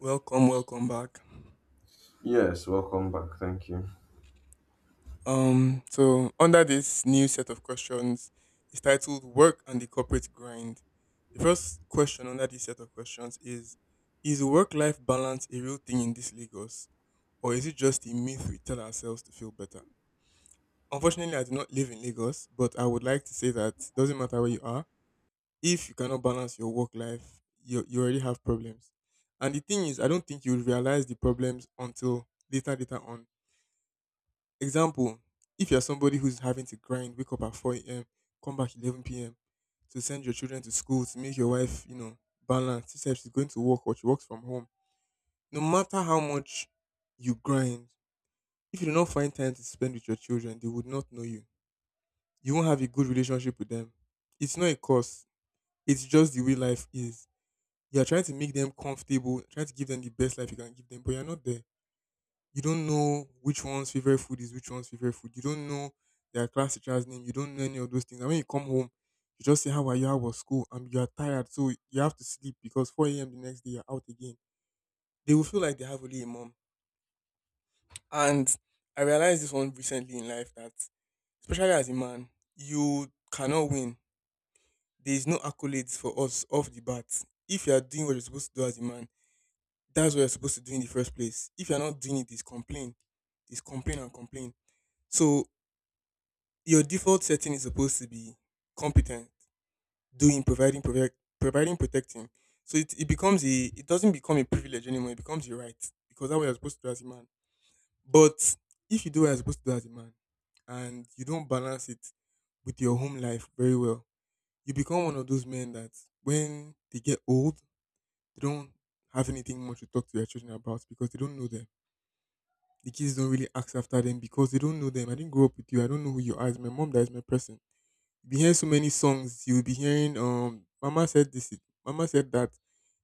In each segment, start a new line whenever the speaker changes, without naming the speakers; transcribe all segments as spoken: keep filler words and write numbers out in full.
Welcome, welcome back.
Yes, welcome back. Thank you.
Um, so under this new set of questions is titled Work and the Corporate Grind. The first question under this set of questions is: is work life balance a real thing in this Lagos? Or is it just a myth we tell ourselves to feel better? Unfortunately, I do not live in Lagos, but I would like to say that doesn't matter where you are, if you cannot balance your work life, you you already have problems. And the thing is, I don't think you will realize the problems until later later on. Example, if you're somebody who's having to grind, wake up at four a m, come back eleven p m to send your children to school, to make your wife, you know, balance. She said she's going to work or she works from home. No matter how much you grind, if you do not find time to spend with your children, they would not know you. You won't have a good relationship with them. It's not a curse. It's just the way life is. You're trying to make them comfortable, trying to give them the best life you can give them, but you're not there. You don't know which one's favorite food is, which one's favorite food. You don't know their class teacher's name. You don't know any of those things. And when you come home, you just say, how are you? How was school? And you are tired. So you have to sleep because four a m the next day, you're out again. They will feel like they have only a mom. And I realized this one recently in life that, especially as a man, you cannot win. There is no accolades for us off the bat. If you are doing what you're supposed to do as a man, that's what you're supposed to do in the first place. If you're not doing it, it's complain. It's complain and complain. So your default setting is supposed to be competent, doing, providing, protect, providing, protecting. So it, it becomes a, it doesn't become a privilege anymore. It becomes your right because that's what you're supposed to do as a man. But if you do what you're supposed to do as a man and you don't balance it with your home life very well, you become one of those men that, when they get old, they don't have anything much to talk to their children about because they don't know them. The kids don't really ask after them because they don't know them. I didn't grow up with you. I don't know who you are. It's my mom that is my person. You'll be hearing so many songs. You'll be hearing um Mama said this, it- Mama said that.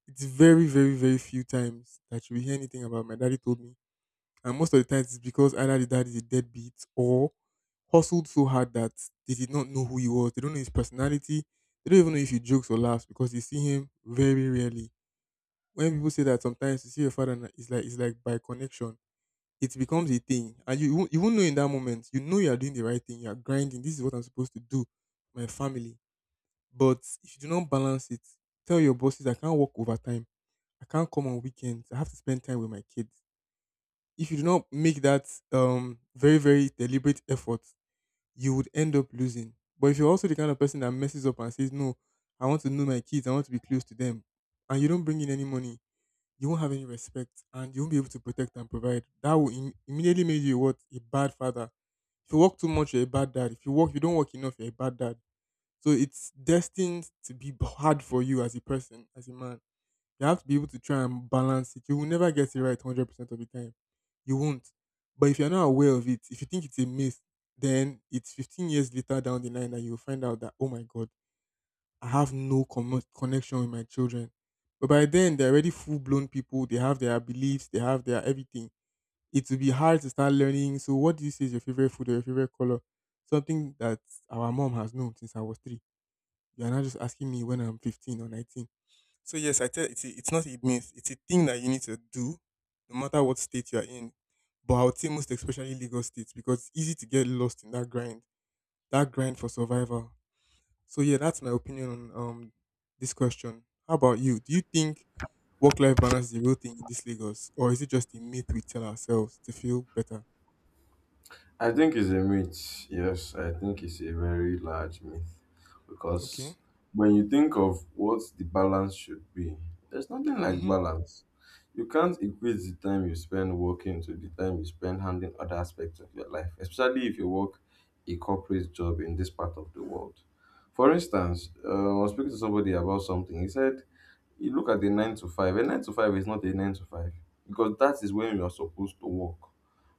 It's very, very, very few times that you will hear anything about my daddy told me. And most of the times, it's because either the dad is a deadbeat or hustled so hard that they did not know who he was. They don't know his personality. They don't even know if he jokes or laughs because you see him very rarely. When people say that sometimes you see your father and it's like it's like by connection. It becomes a thing. And you you won't you won't know in that moment. You know you are doing the right thing. You are grinding. This is what I'm supposed to do. My family. But if you do not balance it, tell your bosses I can't work overtime. I can't come on weekends. I have to spend time with my kids. If you do not make that um very very deliberate effort, you would end up losing. But if you're also the kind of person that messes up and says, no, I want to know my kids. I want to be close to them, and you don't bring in any money, you won't have any respect, and you won't be able to protect and provide. That will im- immediately make you what a bad father. If you work too much, you're a bad dad. If you work, you don't work enough, you're a bad dad. So it's destined to be b- hard for you as a person, as a man. You have to be able to try and balance it. You will never get it right one hundred percent of the time. You won't. But if you're not aware of it, if you think it's a myth, then it's fifteen years later down the line that you'll find out that, oh my God, I have no commo connection with my children. But by then, they're already full blown people. They have their beliefs, they have their everything. It will be hard to start learning. So, what do you say is your favorite food or your favorite color? Something that our mom has known since I was three, you're not just asking me when I'm fifteen or nineteen. So, yes, I tell it's, a, it's not a myth. It's a thing that you need to do no matter what state you're in. But I would say most especially Lagos states because it's easy to get lost in that grind, that grind for survival. So, yeah, that's my opinion on um, this question. How about you? Do you think work life balance is the real thing in this Lagos or is it just a myth we tell ourselves to feel better?
I think it's a myth. Yes, I think it's a very large myth
Okay.
because when you think of what the balance should be, there's nothing like
Mm-hmm.
balance. You can't equate the time you spend working to the time you spend handling other aspects of your life, especially if you work a corporate job in this part of the world. For instance, uh, I was speaking to somebody about something. He said, you look at the nine to five, a nine to five is not a nine to five because that is when you are supposed to work.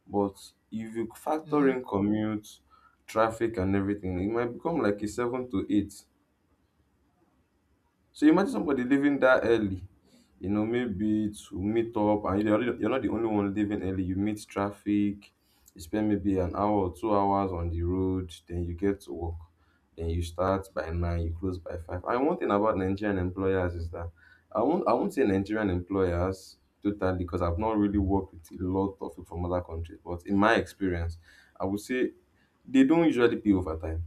But if you factor
Mm-hmm.
in commute, traffic and everything, it might become like a seven to eight. So imagine somebody leaving that early, you know, maybe to meet up, and you're, already- you're not the only one leaving early. You meet traffic, you spend maybe an hour or two hours on the road, then you get to work. Then you start by nine, you close by five. And one thing about Nigerian employers is that I won't, I won't say Nigerian employers totally because I've not really worked with a lot of people from other countries, but in my experience, I would say they don't usually pay overtime,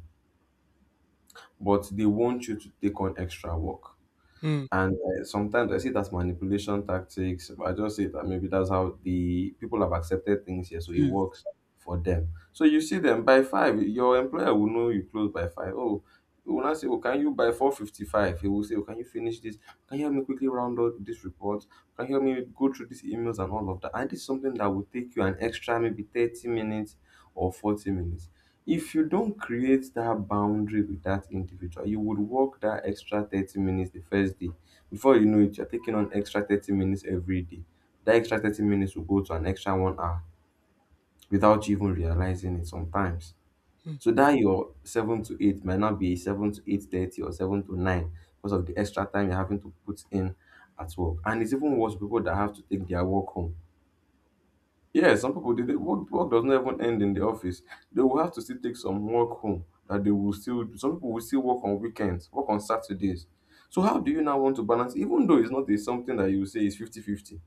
but they want you to take on extra work
Hmm.
and uh, sometimes I see it as manipulation tactics, but I just see that maybe that's how the people have accepted things here, so it
Jeez.
works for them. So you see them by five. Your employer will know you close by five. Oh, he will not say, "Oh, can you by four fifty-five?" He will say, "Oh, can you finish this? Can you help me quickly round out this report? Can you help me go through these emails and all of that?" And this is something that will take you an extra maybe thirty minutes or forty minutes. If you don't create that boundary with that individual, you would work that extra thirty minutes the first day. Before you know it, you're taking on extra thirty minutes every day. That extra thirty minutes will go to an extra one hour without you even realizing it sometimes.
Hmm.
So that your seven to eight might not be seven to eight thirty or seven to nine because of the extra time you're having to put in at work. And it's even worse for people that have to take their work home. Yeah, some people they, work, work does not even end in the office. They will have to still take some work home that they will still do. Some people will still work on weekends, work on Saturdays. So how do you now want to balance, even though it's not a, something that you say is fifty-fifty?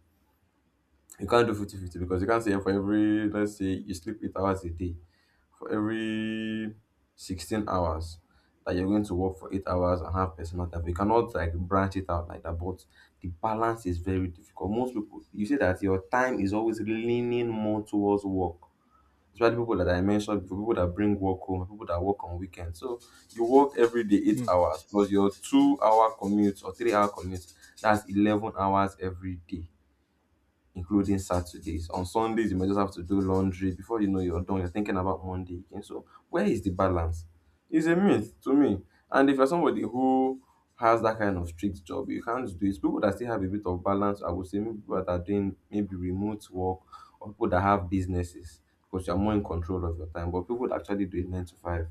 You can't do fifty-fifty because you can't say for every, let's say you sleep eight hours a day, for every sixteen hours that you're going to work for eight hours and have personal time. You cannot like branch it out like that, but the balance is very difficult. Most people, you see that your time is always leaning more towards work. Especially people that I mentioned before, people that bring work home, people that work on weekends. So you work every day eight
Hmm.
hours plus your two hour commute or three hour commute. That's eleven hours every day including Saturdays. On Sundays, you might just have to do laundry. Before you know you're done, you're thinking about Monday again. So where is the balance? It's a myth to me. And if you're somebody who has that kind of strict job, you can't do it. People that still have a bit of balance, I would say maybe people that are doing maybe remote work or people that have businesses because you're more in control of your time. But people that actually do it nine to five,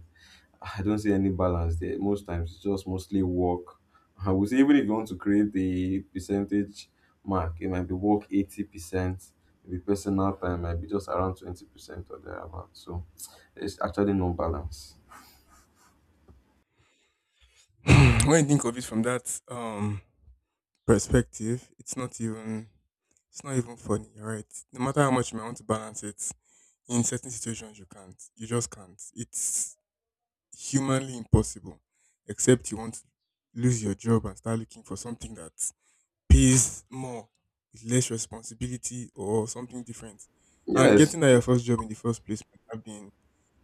I don't see any balance there. Most times it's just mostly work. I would say even if you want to create a percentage mark, it might be work eighty percent, maybe personal time might be just around twenty percent or thereabout. So there's actually no balance.
When you think of it from that um perspective, it's not even it's not even funny, all right. No matter how much you may want to balance it, in certain situations you can't. You just can't. It's humanly impossible. Except you want to lose your job and start looking for something that pays more with less responsibility or something different. And
Yes.
getting that your first job in the first place might have been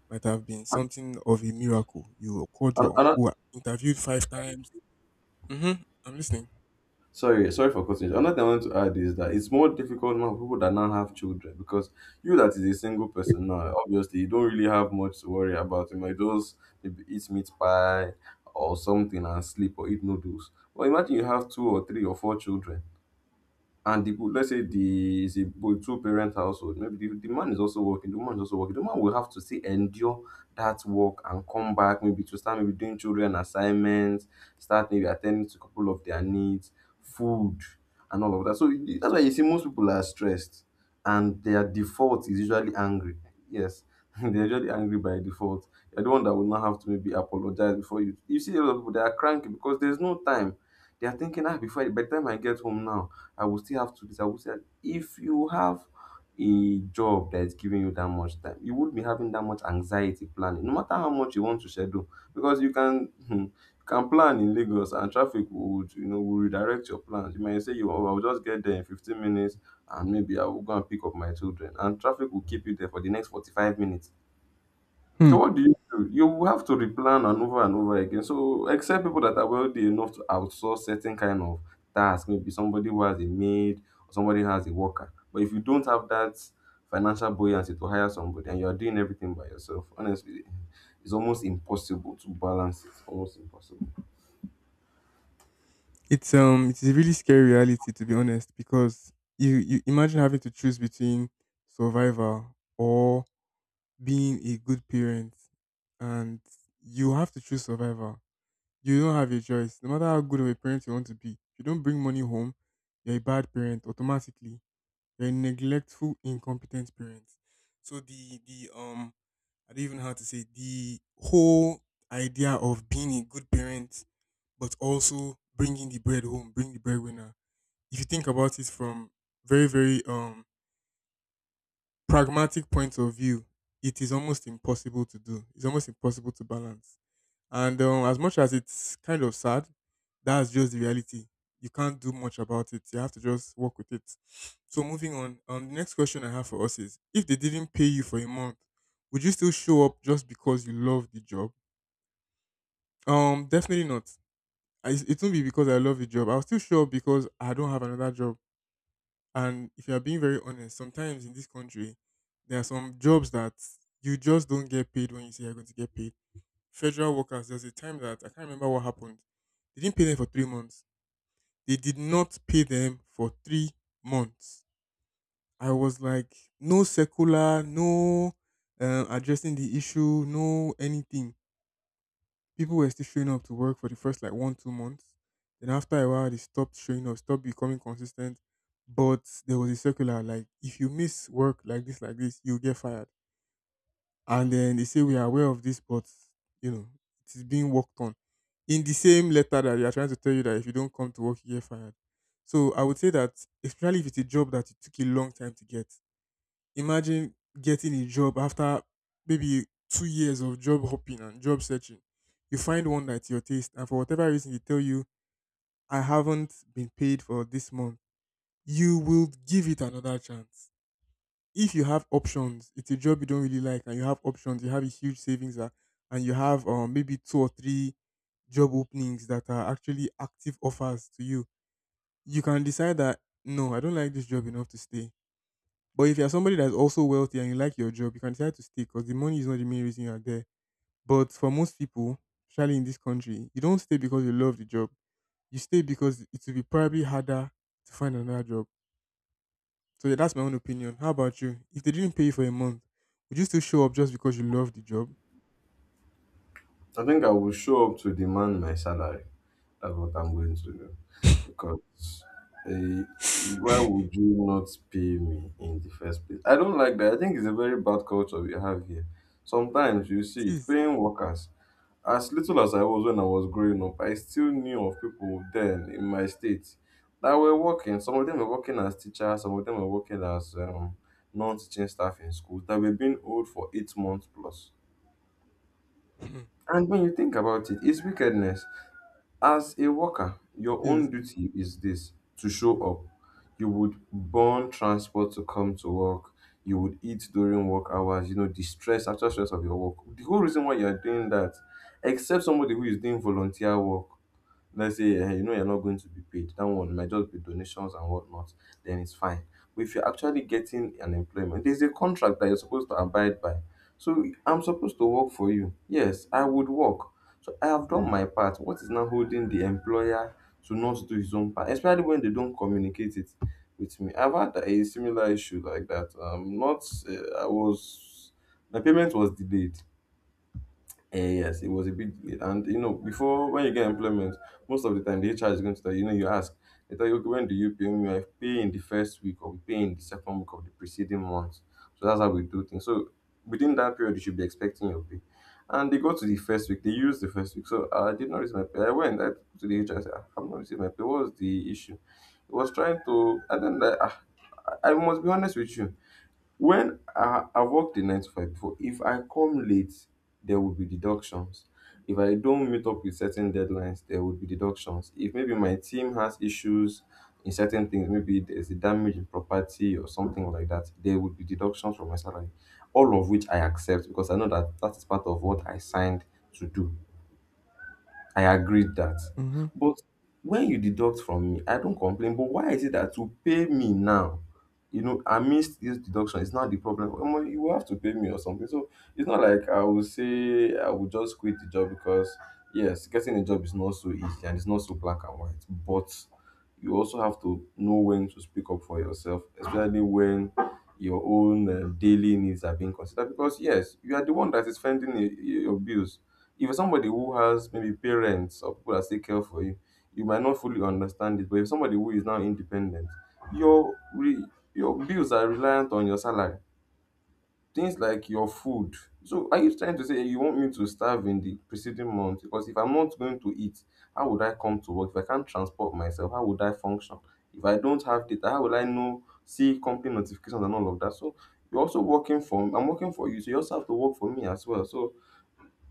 might have been something of a miracle. You called
And,
your
and I-
uncle, interviewed five times. Mm-hmm. I'm listening.
Sorry, sorry for cutting you. Another thing I want to add is that it's more difficult now for people that now have children because you that is a single person now, obviously you don't really have much to worry about. You might just maybe eat meat pie or something and sleep or eat noodles. But imagine you have two or three or four children and, the let's say the is a two parent household, maybe the, the man is also working, the woman is also working. The man will have to still endure that work and come back maybe to start maybe doing children assignments, start maybe attending to a couple of their needs, food and all of that. So you- that's why you see most people are stressed and their default is usually angry. Yes, they're usually angry by default. You're the one that will not have to maybe apologize before you you see a lot of people. They are cranky because there's no time. They are thinking, ah, before by the time I get home now, I will still have two days. I will say if you have a job that is giving you that much time, you won't be having that much anxiety planning, no matter how much you want to schedule, because you can you can plan in Lagos and traffic would, you know, will redirect your plans. You might say, you oh, I'll just get there in fifteen minutes and maybe I will go and pick up my children, and traffic will keep you there for the next forty-five minutes.
Hmm.
So what do you do? You have to replan and over and over again. So except people that are wealthy enough to outsource certain kind of task, maybe somebody who has a maid or somebody who has a worker. But if you don't have that financial buoyancy to hire somebody and you are doing everything by yourself, honestly, it's almost impossible to balance it. Almost impossible.
It's um it's a really scary reality, to be honest, because you you imagine having to choose between survival or being a good parent, and you have to choose survival. You don't have a choice. No matter how good of a parent you want to be, if you don't bring money home, you're a bad parent automatically. You're a neglectful, incompetent parent. So the the um I don't even know how to say the whole idea of being a good parent, but also bringing the bread home, bring the breadwinner, if you think about it from very very um pragmatic point of view, it is almost impossible to do. It's almost impossible to balance. And um, as much as it's kind of sad, that's just the reality. You can't do much about it. You have to just work with it. So moving on, um, the next question I have for us is: if they didn't pay you for a month, would you still show up just because you love the job? Um, definitely not. I, it won't be because I love the job. I'll still show up because I don't have another job. And if you are being very honest, sometimes in this country, there are some jobs that you just don't get paid when you say you're going to get paid. Federal workers, there's a time that I can't remember what happened. They didn't pay them for three months. They did not pay them for three months. I was like, no circular, no um, addressing the issue, no anything. People were still showing up to work for the first like one two months. Then after a while, they stopped showing up, stopped becoming consistent. But there was a circular like, if you miss work like this, like this, you'll get fired. And then they say we are aware of this, but you know it is being worked on. In the same letter that they are trying to tell you that if you don't come to work, you get fired. So I would say that, especially if it's a job that it took a long time to get. Imagine getting a job after maybe two years of job hopping and job searching. You find one that's your taste, and for whatever reason, they tell you, I haven't been paid for this month. You will give it another chance. If you have options, it's a job you don't really like, and you have options, you have a huge savings, uh, and you have um, maybe two or three job openings that are actually active offers to you, you can decide that no, I don't like this job enough to stay. But if you're somebody that's also wealthy and you like your job, you can decide to stay because the money is not the main reason you're there. But for most people, especially in this country, you don't stay because you love the job. You stay because it will be probably harder to find another job. So yeah, that's my own opinion. How about you? If they didn't pay you for a month, would you still show up just because you love the job?
I think I will show up to demand my salary. That's what I'm going to do. Because eh, why would
It
you not pay me in the first place? I don't like that. I think it's a very bad culture we have here. Sometimes you see it
is.
paying workers. As little as I was when I was growing up, I still knew of people then in my state that were working. Some of them were working as teachers, some of them were working as um, non teaching staff in schools that were being old for eight months plus.
It
And when you think about it, it's wickedness. As a worker, your
is.
own duty is this, to show up. You would burn transport to come to work. You would eat during work hours, you know, the stress, actual stress of your work. The whole reason why you're doing that, except somebody who is doing volunteer work, let's say um you know, you're not going to be paid, that one might just be donations and whatnot, then it's fine. But if you're actually getting an employment, there's a contract that you're supposed to abide by. So I'm supposed to work for you. Yes, I would work. So I have done my part. What is now holding the employer to not do his own part, especially when they don't communicate it with me? I've had a similar issue like that. Um, not uh, I was, my payment was delayed. Eh, yes, it was a big, and you know, before when you get employment, most of the time the H R is going to tell you, you know, you ask, they tell you, okay, when do you pay me? I pay in the first week, or we pay in the second week of the preceding month. So that's how we do things. So within that period, you should be expecting your pay. And they go to the first week, they use the first week. So I did not receive my pay. I went I to the H R, I said, "Ah, I've not received my pay. What was the issue?" It was trying to, and then I, I, I must be honest with you. When I I've worked in nine to five before, if I come late, there will be deductions. If I don't meet up with certain deadlines, there will be deductions. If maybe my team has issues in certain things, maybe there's a damage in property or something like that, there will be deductions from my salary. All of which I accept because I know that that is part of what I signed to do. I agreed that.
Mm-hmm.
But when you deduct from me, I don't complain. But why is it that to pay me now? You know, I missed this deduction. It's not the problem. Omo, you have to pay me or something. So it's not like I will say I will just quit the job because yes, getting a job is not so easy and it's not so black and white. But you also have to know when to speak up for yourself, especially when your own uh, daily needs are being considered. Because yes, you are the one that is fending y- y- your bills if you're somebody who has maybe parents or people that take care for you, you might not fully understand it. But if somebody who is now independent, your re- your bills are reliant on your salary. Things like your food. So are you trying to say you want me to starve in the preceding month? Because if I'm not going to eat, how would I come to work? If I can't transport myself, how would I function? If I don't have data, how will I know see company notifications and all of that? So you're also working for I'm working for you, so you also have to work for me as well. So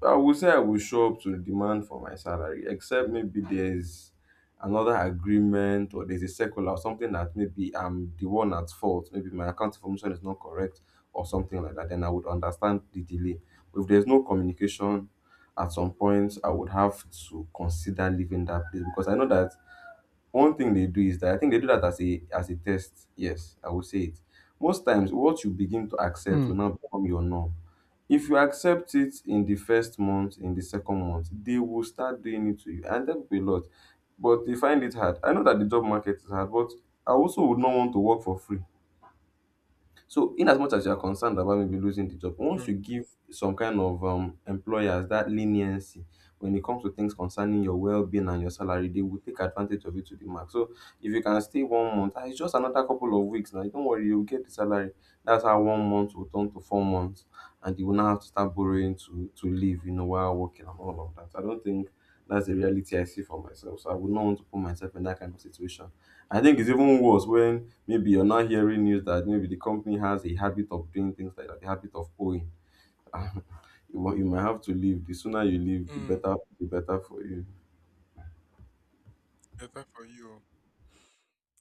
I would say I will show up to the demand for my salary, except maybe there's another agreement or there's a circular or something that maybe I'm the one at fault. Maybe my account information is not correct or something like that. Then I would understand the delay. But if there's no communication, at some point I would have to consider leaving that place because I know that one thing they do is that I think they do that as a as a test. Yes, I will say it. Most times, what you begin to accept
Mm.
will now become your norm. If you accept it in the first month, in the second month, they will start doing it to you, and that will be a lot. But they find it hard. I know that the job market is hard, but I also would not want to work for free. So, in as much as you are concerned about maybe losing the job, once
Sure.
you give some kind of um, employers that leniency when it comes to things concerning your well-being and your salary, they will take advantage of it to the max. So, if you can stay one month, ah, it's just another couple of weeks now. Don't worry, you'll get the salary. That's how one month will turn to four months, and you will now have to start borrowing to to live, you know, while working and all of that. I don't think that's the reality I see for myself. So I would not want to put myself in that kind of situation. I think it's even worse when maybe you're not hearing news that maybe the company has a habit of doing things like that, the habit of owing. You, mi- you might have to leave. The sooner you leave, the
Mm.
better, the better for you.
Better for you.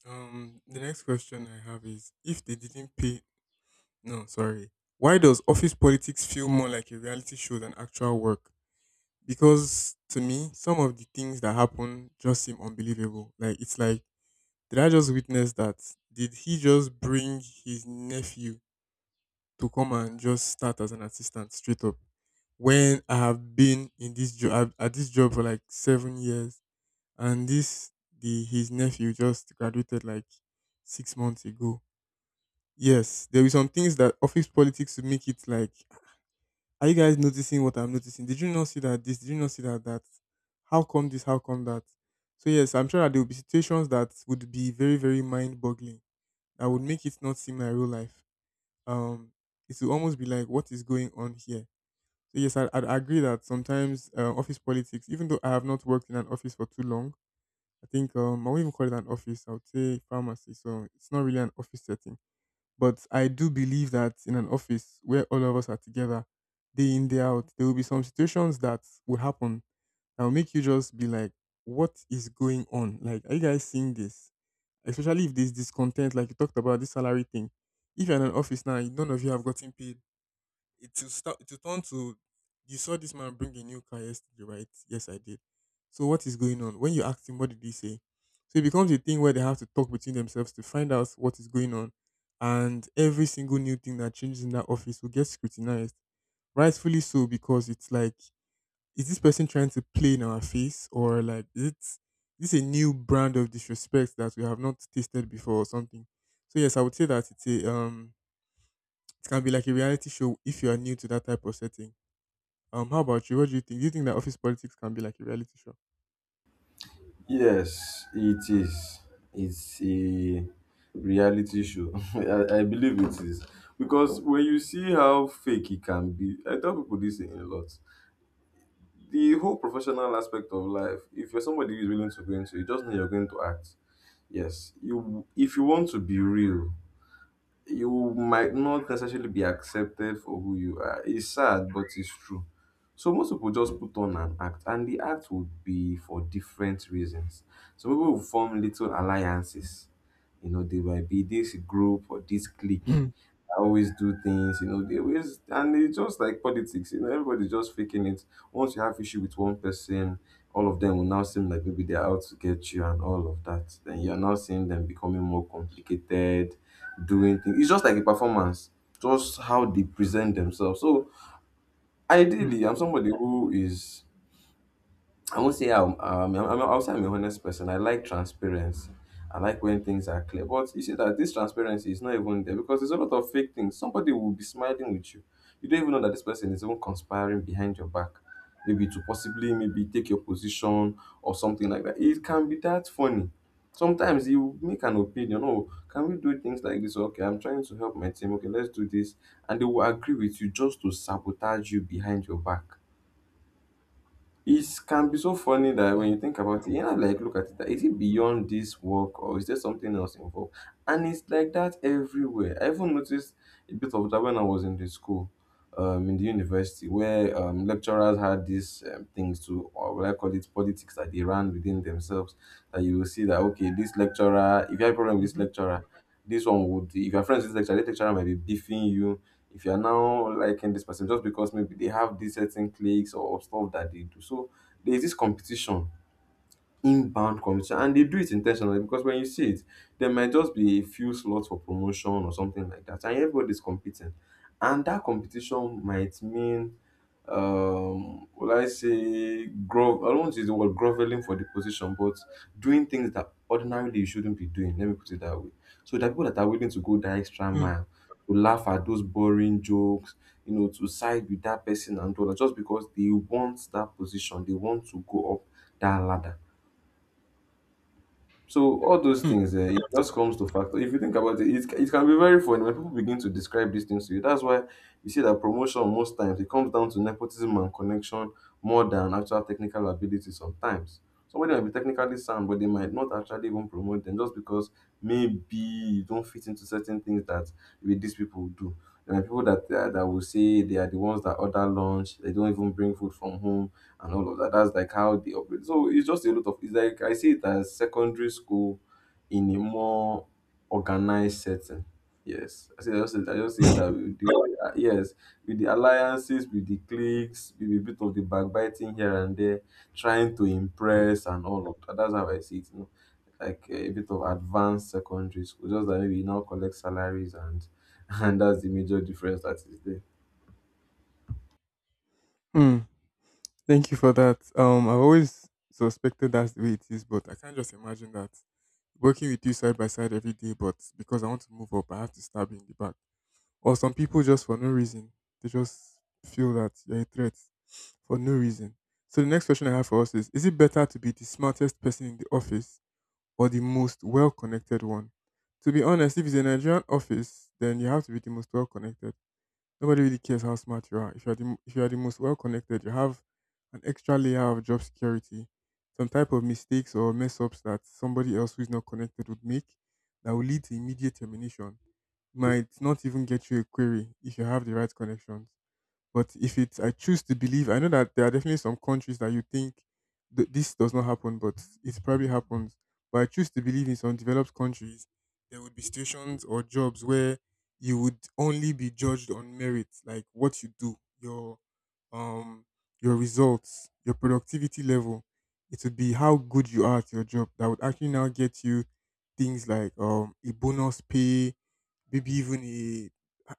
Um, the next question I have is if they didn't pay. No, sorry. Why does office politics feel more like a reality show than actual work? Because to me, some of the things that happen just seem unbelievable. Like it's like, did I just witness that? Did he just bring his nephew to come and just start as an assistant straight up? When I have been in this job at this job for like seven years, and this the his nephew just graduated like six months ago. Yes, there will be some things that office politics will make it like, are you guys noticing what I'm noticing? Did you not see that this? Did you not see that that? How come this? How come that? So yes, I'm sure that there will be situations that would be very, very mind-boggling. That would make it not seem like real life. Um, it will almost be like, what is going on here? So yes, I, I agree that sometimes uh, office politics, even though I have not worked in an office for too long, I think um, I won't even call it an office. I would say pharmacy. So it's not really an office setting, but I do believe that in an office where all of us are together, day in, day out, there will be some situations that will happen that will make you just be like, what is going on? Like, are you guys seeing this? Especially if there's discontent, like you talked about this salary thing. If you're in an office now, none of you have gotten paid, it will start, it will turn to, you saw this man bring a new car yesterday, right? Yes, I did. So what is going on? When you ask him, what did he say? So it becomes a thing where they have to talk between themselves to find out what is going on. And every single new thing that changes in that office will get scrutinized. Rightfully so, because it's like, is this person trying to play in our face? Or like, is it, is this a new brand of disrespect that we have not tasted before or something? So yes, I would say that it's a um it can be like a reality show if you are new to that type of setting. Um, how about you? What do you think? Do you think that office politics can be like a reality show?
Yes, it is. It's a reality show. I, I believe it is. Because when you see how fake it can be, I tell people this a lot. The whole professional aspect of life, if you're somebody who's willing to go into it, just know you're going to act. Yes. You if you want to be real, you might not necessarily be accepted for who you are. It's sad, but it's true. So most people just put on an act, and the act would be for different reasons. Some people will form little alliances. You know, they might be this group or this clique.
Hmm.
I always do things, you know, they always and it's just like politics, you know, everybody's just faking it. Once you have issue with one person, all of them will now seem like maybe they're out to get you and all of that. Then you're now seeing them becoming more complicated doing things. It's just like a performance, just how they present themselves. So
Hmm.
ideally, I'm somebody who is I won't say I'm, um, I'm, I'm, I'll say I'm a honest person. I like transparency. I like when things are clear. But you see that this transparency is not even there because there's a lot of fake things. Somebody will be smiling with you. You don't even know that this person is even conspiring behind your back. Maybe to possibly maybe take your position or something like that. It can be that funny. Sometimes you make an opinion. Oh, can we do things like this? Okay, I'm trying to help my team. Okay, let's do this. And they will agree with you just to sabotage you behind your back. It can be so funny that when you
Hmm.
think about it, you know, like look at it, that
Wow.
is it beyond this work or is there something else involved? And it's like that everywhere. I even noticed a bit of that when I was in the school, um, in the university, where um, lecturers had these um, things to, or what I call it, politics that they ran within themselves. That you will see that okay, this lecturer, if you have a problem with this
Mhm.
lecturer, this one would, if your friends is lecturer, the lecturer might be beefing you. If you are now liking this person, just because maybe they have these certain cliques or stuff that they do. So there's this competition inbound competition and they do it intentionally because when you see it there might just be a few slots for promotion or something like that and everybody's competing and that competition might mean um will I say grovel, I don't want to use the word groveling for the position, but doing things that ordinarily you shouldn't be doing, let me put it that way. So there are people that are willing to go that extra
Hmm.
mile to laugh at those boring jokes, you know, to side with that person and all that just because they want that position, they want to go up that ladder. So all those
Hmm.
things, uh, it just comes to factor. If you think about it, it, it can be very funny when people begin to describe these things to you. That's why you see that promotion most times it comes down to nepotism and connection more than actual technical ability. Sometimes somebody might be technically sound, but they might not actually even promote them just because maybe you don't fit into certain things that maybe these people do. There are people that uh, that will say they are the ones that order lunch. They don't even bring food from home and all of that. That's like how they operate. So it's just a lot of it's like I see it as secondary school in a more organized setting. Yes, I say I just say, I just say that with the uh, yes, with the alliances, with the cliques, with a bit of the backbiting here and there, trying to impress and all of that. That's how I see it. You know? Like uh, a bit of advanced secondary school, just that maybe you now collect salaries and and that's the major difference that is there.
Hmm. Thank you for that. Um, I've always suspected that's the way it is, but I can't just imagine that, working with you side by side every day, but because I want to move up, I have to stab you in the back. Or some people, just for no reason, they just feel that you're a threat for no reason. So the next question I have for us is: is it better to be the smartest person in the office or the most well connected one? To be honest, if it's a Nigerian office, then you have to be the most well connected. Nobody really cares how smart you are. If you're the, if you are the most well connected, you have an extra layer of job security. Some type of mistakes or mess ups that somebody else who is not connected would make, that will lead to immediate termination, might not even get you a query if you have the right connections. But if it's, I choose to believe, I know that there are definitely some countries that you think th- this does not happen, but it probably happens. But I choose to believe in some developed countries, there would be stations or jobs where you would only be judged on merit, like what you do, your um, your results, your productivity level. It would be how good you are at your job that would actually now get you things like um, a bonus pay, maybe even a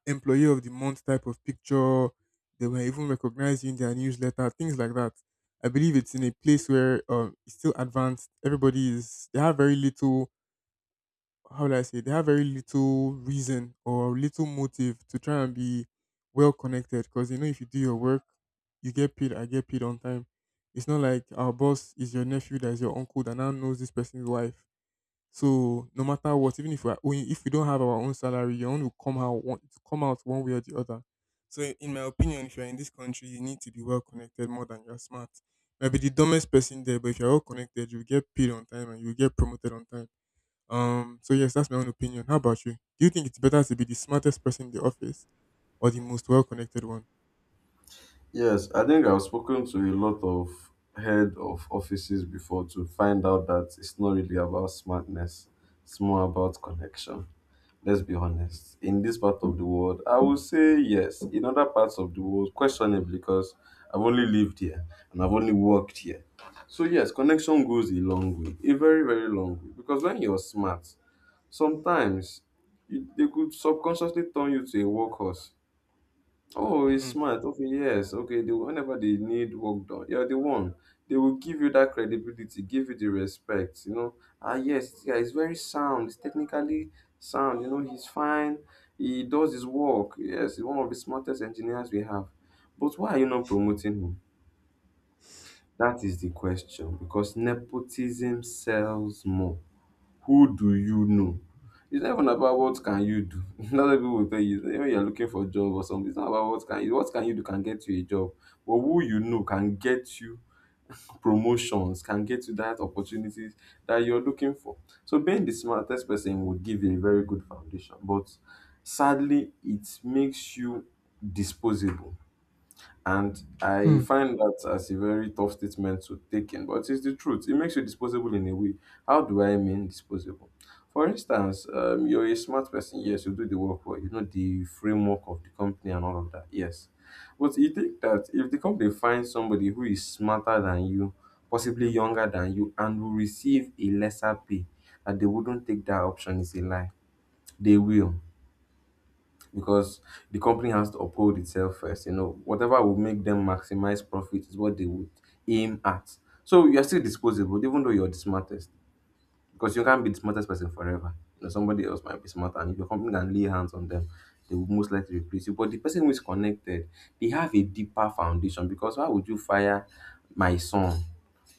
employee of the month type of picture, they were even recognized in their newsletter, things like that. I believe it's in a place where um, it's still advanced. Everybody is, they have very little, how do I say, they have very little reason or little motive to try and be well connected, because you know, if you do your work, you get paid, I get paid on time. It's not like our boss is your nephew, that is your uncle that now knows this person's wife, so no matter what, even if we are owing, if we don't have our own salary, your own will come out, one it will come out one way or the other. So i- in my opinion, if you're in this country, you need to be well connected more than you're smart. You might be the dumbest person there, but if you're well connected, you'll get paid on time and you'll get promoted on time. Um so yes, that's my own opinion. How about you? Do you think it's better to be the smartest person in the office or the most well connected one?
Yes, I think I've spoken to a lot of head of offices before to find out that it's not really about smartness, it's more about connection. Let's be honest. In this part of the world, I would say yes. In other parts of the world, questionably, because I've only lived here and I've only worked here. So, yes, connection goes a long way, a very, very long way. Because when you're smart, sometimes you, they could subconsciously turn you to a workhorse. Oh, it's
Hmm.
smart. Okay, yes. Okay, they, whenever they need work done, you're the one. They will give you that credibility, give you the respect. You know, ah, yes, this guy is very sound. He's technically sound. You know, he's fine. He does his work. Yes, he's one of the smartest engineers we have. But why are you not promoting him? That is the question. Because nepotism sells more. Who do you know? It's not even about what can you do. That's what people will tell you. Even when you're looking for a job or something, it's not about what can you what can you do can get you a job. But who you know can get you promotions, can get you that opportunities that you're looking for. So being the smartest person would give you a very good foundation. But sadly, it makes you disposable. And I
Hmm.
find that as a very tough statement to take in, but it's the truth. It makes you disposable in a way. How do I mean disposable? For instance, um, you're a smart person. Yes, you do the work well. You know the framework of the company and all of that. Yes. But you think that if the company finds somebody who is smarter than you, possibly younger than you, and will receive a lesser pay, that they wouldn't take that option is a lie. They will because the company has to uphold itself first. You know, whatever will make them maximize profit is what they would aim at. So you're still disposable, even though you're the smartest, because you can't be the smartest person forever. You know, somebody else might be smarter, and if your company can lay hands on them, they will most likely replace you. But the person who is connected, they have a deeper foundation because why would you fire my son?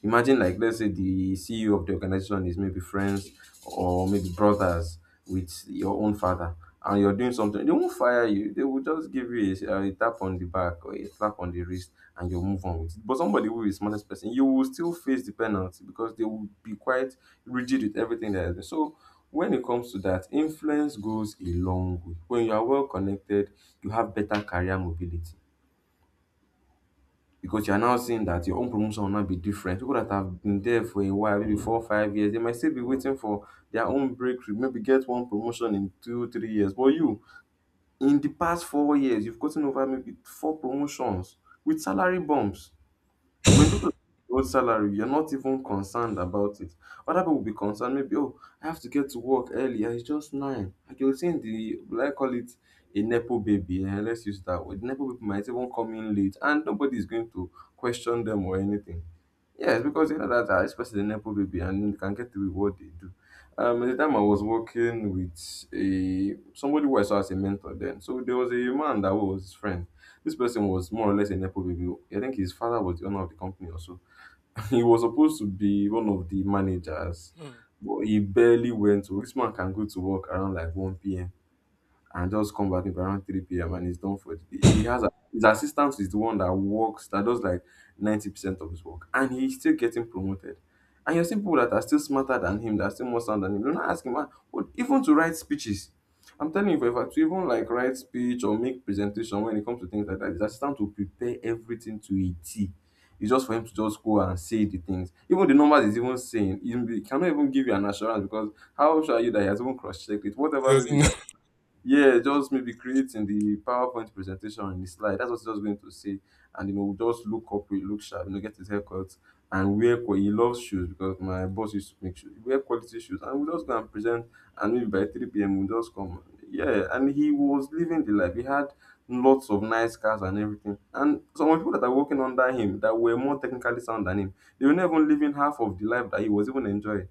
Imagine, like, let's say the C E O of the organization is maybe friends or maybe brothers with your own father, and you're doing something. They won't fire you. They will just give you a, a tap on the back or a slap on the wrist, and you'll move on with it. But somebody who is smartest person, you will still face the penalty because they will be quite rigid with everything that has been. So when it comes to that, influence goes a long way. When you are well connected, you have better career mobility because you are now seeing that your own promotion will not be different. People that have been there for a while, maybe four, five years, they might still be waiting for their own breakthrough, maybe get one promotion in two, three years. But you, in the past four years, you've gotten over maybe four promotions with salary bumps. When people old salary, you're not even concerned about it. Other people will be concerned, maybe, oh, I have to get to work earlier. It's just nine. Like you're seeing the, will I call it a Nepo baby? eh, Let's use that word. Nepo people might even come in late and nobody is going to question them or anything. Yes, because you know that uh, especially the Nepo baby and you can get to what they do. Um, at the time I was working with a somebody who I saw as a mentor then. So there was a man that was his friend. This person was more or less a nepo baby. I think his father was the owner of the company also. He was supposed to be one of the managers,
Hmm.
but he barely went to. This man can go to work around like one p.m and just come back in around three p m and he's done for the day. He has a, his assistant is the one that works, that does like ninety percent of his work, and he's still getting promoted. And you're seeing people that are still smarter than him, that are still more sound than him. Don't ask him, "Ah, what, even to write speeches. I'm telling you, if I to even like write speech or make presentation when it comes to things like that, his assistant will prepare everything to a T. It's just for him to just go and say the things. Even the numbers he's even saying, he he cannot even give you an assurance because how sure are you that he has even cross-checked it?
It
Whatever maybe is
doesn't.
yeah, just maybe creating the PowerPoint presentation on the slide. That's what he's just going to say. And you know, just look corporate, look sharp, you know, get his haircut and wear qu- he loves shoes because my boss used to make shoes. Wear quality shoes. And we'll just go and present and maybe by three p m we'll just come. Yeah, and he was living the life. He had lots of nice cars and everything. And some of the people that are working under him that were more technically sound than him, they were never even living half of the life that he was even enjoying.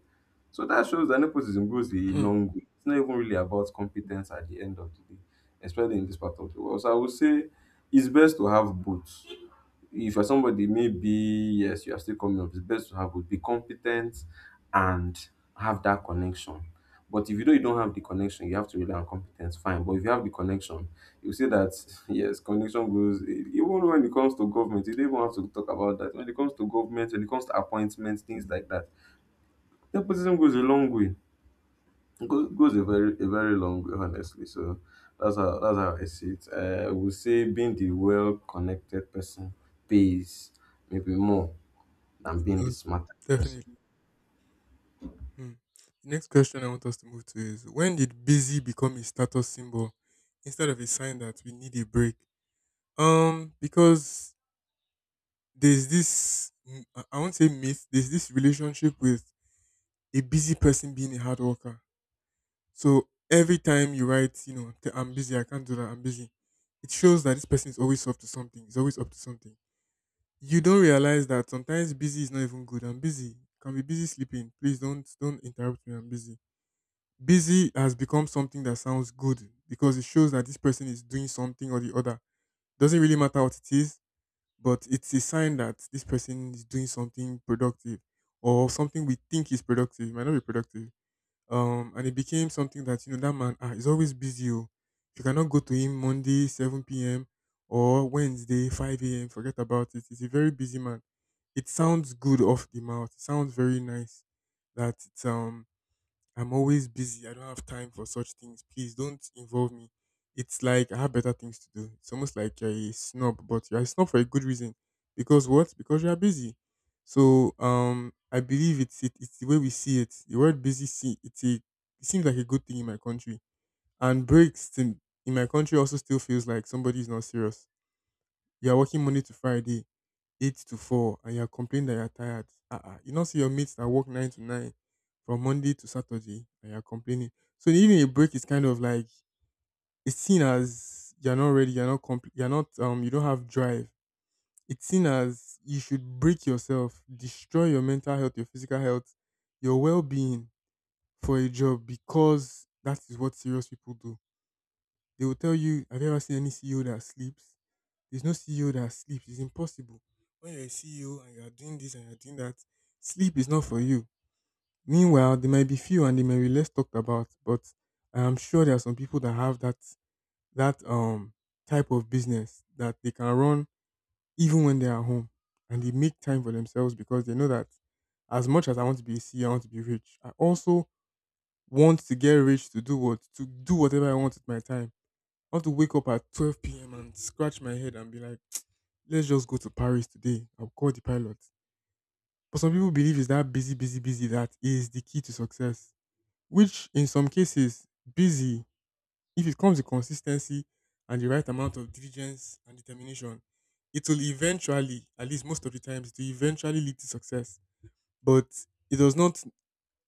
So that shows that nepotism goes a
Hmm.
long way. It's not even really about competence at the end of the day, especially in this part of the world. So I would say it's best to have both. If you're somebody, maybe yes, you are still coming up. It's best to have both. Be competent and have that connection. But if you know you don't have the connection, you have to rely on competence. Fine, but if you have the connection, you see that yes, connection goes. Even when it comes to government, you don't even have to talk about that. When it comes to government, when it comes to appointments, things like that, nepotism goes a long way. Go- goes a very a very long way, honestly. So that's how that's how I see it. Uh, I would say being the well connected person pays maybe more than
It
being the
does.
smart person.
Definitely. Hmm. The next question I want us to move to is, when did busy become a status symbol instead of a sign that we need a break? Um, because there's this mm, I I won't say myth, there's this relationship with a busy person being a hard worker. So every time you write, you know, "T- "I'm busy, I can't do that, I'm busy," it shows that this person is always up to something, is always up to something. You don't realize that sometimes busy is not even good. I'm busy, can be busy sleeping. Please don't don't interrupt me. I'm busy. Busy has become something that sounds good because it shows that this person is doing something or the other. Doesn't really matter what it is, but it's a sign that this person is doing something productive, or something we think is productive. It might not be productive. Um, and it became something that, you know, that man, ah, is always busy. Oh. If you cannot go to him Monday seven p m or Wednesday five a m, forget about it. He's a very busy man. It sounds good off the mouth. It sounds very nice that it's, um I'm always busy. I don't have time for such things. Please don't involve me. It's like I have better things to do. It's almost like you're a snob, but you're a snob for a good reason. Because what? Because you are busy. So um, I believe it's, it, it's the way we see it. The word busy, see it's a it seems like a good thing in my country. And breaks in, in, my country also still feels like somebody is not serious. You are working Monday to Friday eight to four and you're complaining that you're tired. Uh-uh. You don't see your mates that work nine to nine from Monday to Saturday, and you're complaining. So even a break is kind of like, it's seen as you're not ready, you're not compl- you're not um you don't have drive. It's seen as you should break yourself, destroy your mental health, your physical health, your well being for a job, because that is what serious people do. They will tell you, have you ever seen any C E O that sleeps? There's no C E O that sleeps. It's impossible. When you're a C E O and you're doing this and you're doing that, sleep is not for you. Meanwhile, there might be few and they may be less talked about, but I am sure there are some people that have that that um type of business that they can run even when they are home, and they make time for themselves because they know that, as much as I want to be a C E O, I want to be rich, I also want to get rich to do what to do whatever I want with my time. I want to wake up at twelve p m and scratch my head and be like, let's just go to Paris today. I'll call the pilot. But some people believe it's that busy, busy, busy that is the key to success, which in some cases, busy, if it comes with consistency and the right amount of diligence and determination, it will eventually, at least most of the times, to eventually lead to success. But it does not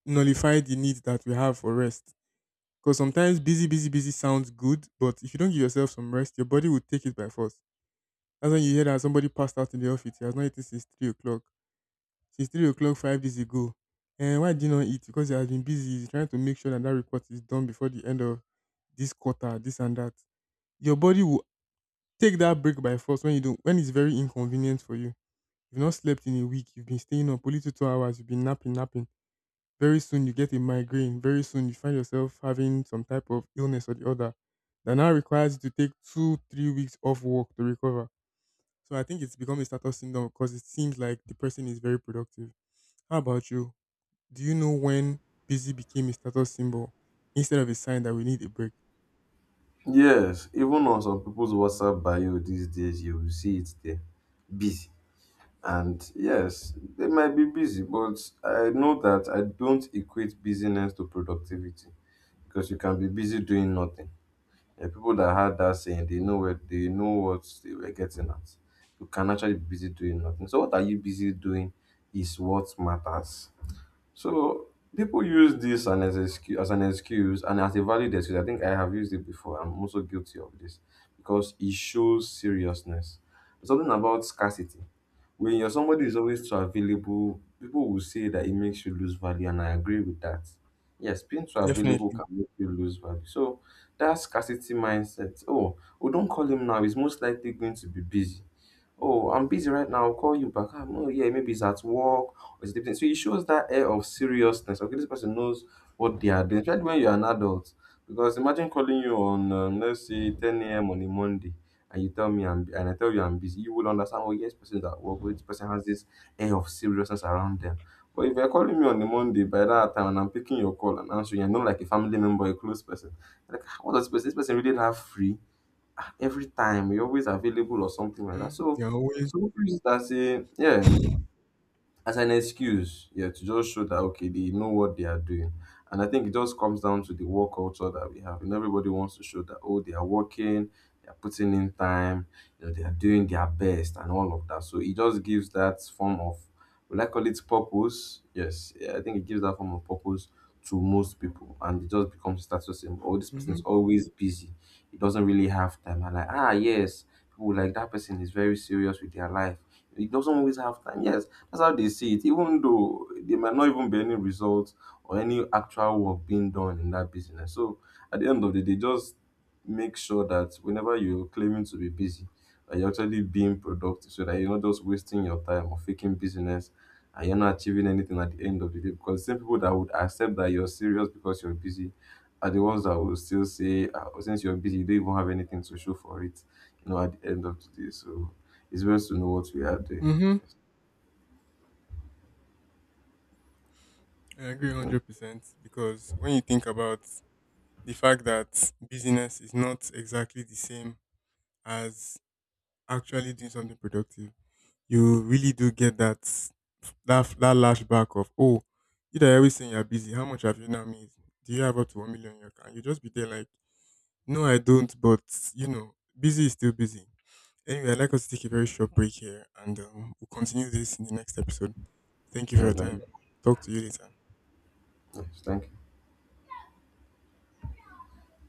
nullify the need that we have for rest. Because sometimes busy, busy, busy sounds good, but if you don't give yourself some rest, your body will take it by force. That's when you hear that somebody passed out in the office. He has not eaten since three o'clock. Since three o'clock five days ago. And why did you not eat? Because he has been busy. He's trying to make sure that that report is done before the end of this quarter, this and that. Your body will take that break by force, when you don't when it's very inconvenient for you. You've not slept in a week, you've been staying up only two two hours, you've been napping, napping. Very soon you get a migraine. Very soon you find yourself having some type of illness or the other that now requires you to take two, three weeks off work to recover. So I think it's become a status syndrome because it seems like the person is very productive. How about you? Do you know when busy became a status symbol instead of a sign that we need a break?
Yes, even on some people's WhatsApp bio these days, you will see it there, busy. And yes, they might be busy, but I know that I don't equate busyness to productivity because you can be busy doing nothing. And people that had that saying, they know where they know what they were getting at. You can actually be busy doing nothing. So what are you busy doing is what matters. So people use this an as, excuse, as an excuse and as a valid excuse. I think I have used it before. I'm also guilty of this because it shows seriousness. There's something about scarcity. When you're somebody is always too available, people will say that it makes you lose value, and I agree with that. Yes, being too available
Definitely.
can make you lose value. So that scarcity mindset. Oh, we don't call him now. He's most likely going to be busy. Oh, I'm busy right now. I'll call you back. Um, oh, yeah, maybe he's at work or he's sleeping. So it shows that air of seriousness. Okay, this person knows what they are doing, especially when you're an adult. Because imagine calling you on, um, let's say, ten a m on a Monday, and you tell me, I'm, and I tell you I'm busy. You will understand, oh, yes, person's at work. Or this person has this air of seriousness around them. But if you're calling me on a Monday by that time and I'm picking your call and answering, I know like a family member, a close person, like, "Ah, what does this person, this person really have free? Every time, you are always available or something like that.
Mm,
So,
you're always.
so people use that say, yeah, as an excuse, yeah, to just show that okay, they know what they are doing. And I think it just comes down to the work culture that we have. And everybody wants to show that oh, they are working, they are putting in time, you know, they are doing their best and all of that. So it just gives that form of will I call it purpose? Yes, yeah, I think it gives that form of purpose to most people, and it just becomes status symbol. Oh, this person
Mm-hmm,
is always busy. He doesn't really have time. And like, ah, yes, people like that person is very serious with their life. He doesn't always have time. Yes, that's how they see it, even though there might not even be any results or any actual work being done in that business. So at the end of the day, just make sure that whenever you're claiming to be busy, that you're actually being productive so that you're not just wasting your time or faking business and you're not achieving anything at the end of the day. Because the same people that would accept that you're serious because you're busy are the ones that will still say, "Ah, oh, since you're busy, you don't even have anything to show for it, you know, at the end of the day. So it's best to know what we are doing.
mm-hmm. I agree one hundred percent because when you think about the fact that busyness is not exactly the same as actually doing something productive, you really do get that that that lashback of, oh, you that are always saying you're busy, how much have you now made? Do you have up to one million in your account? You just be there like, no, I don't, but you know, busy is still busy. Anyway, I'd like us to take a very short break here, and um, we'll continue this in the next episode. Thank you for your
And um,
time. Talk to you later.
Nice. Thank you.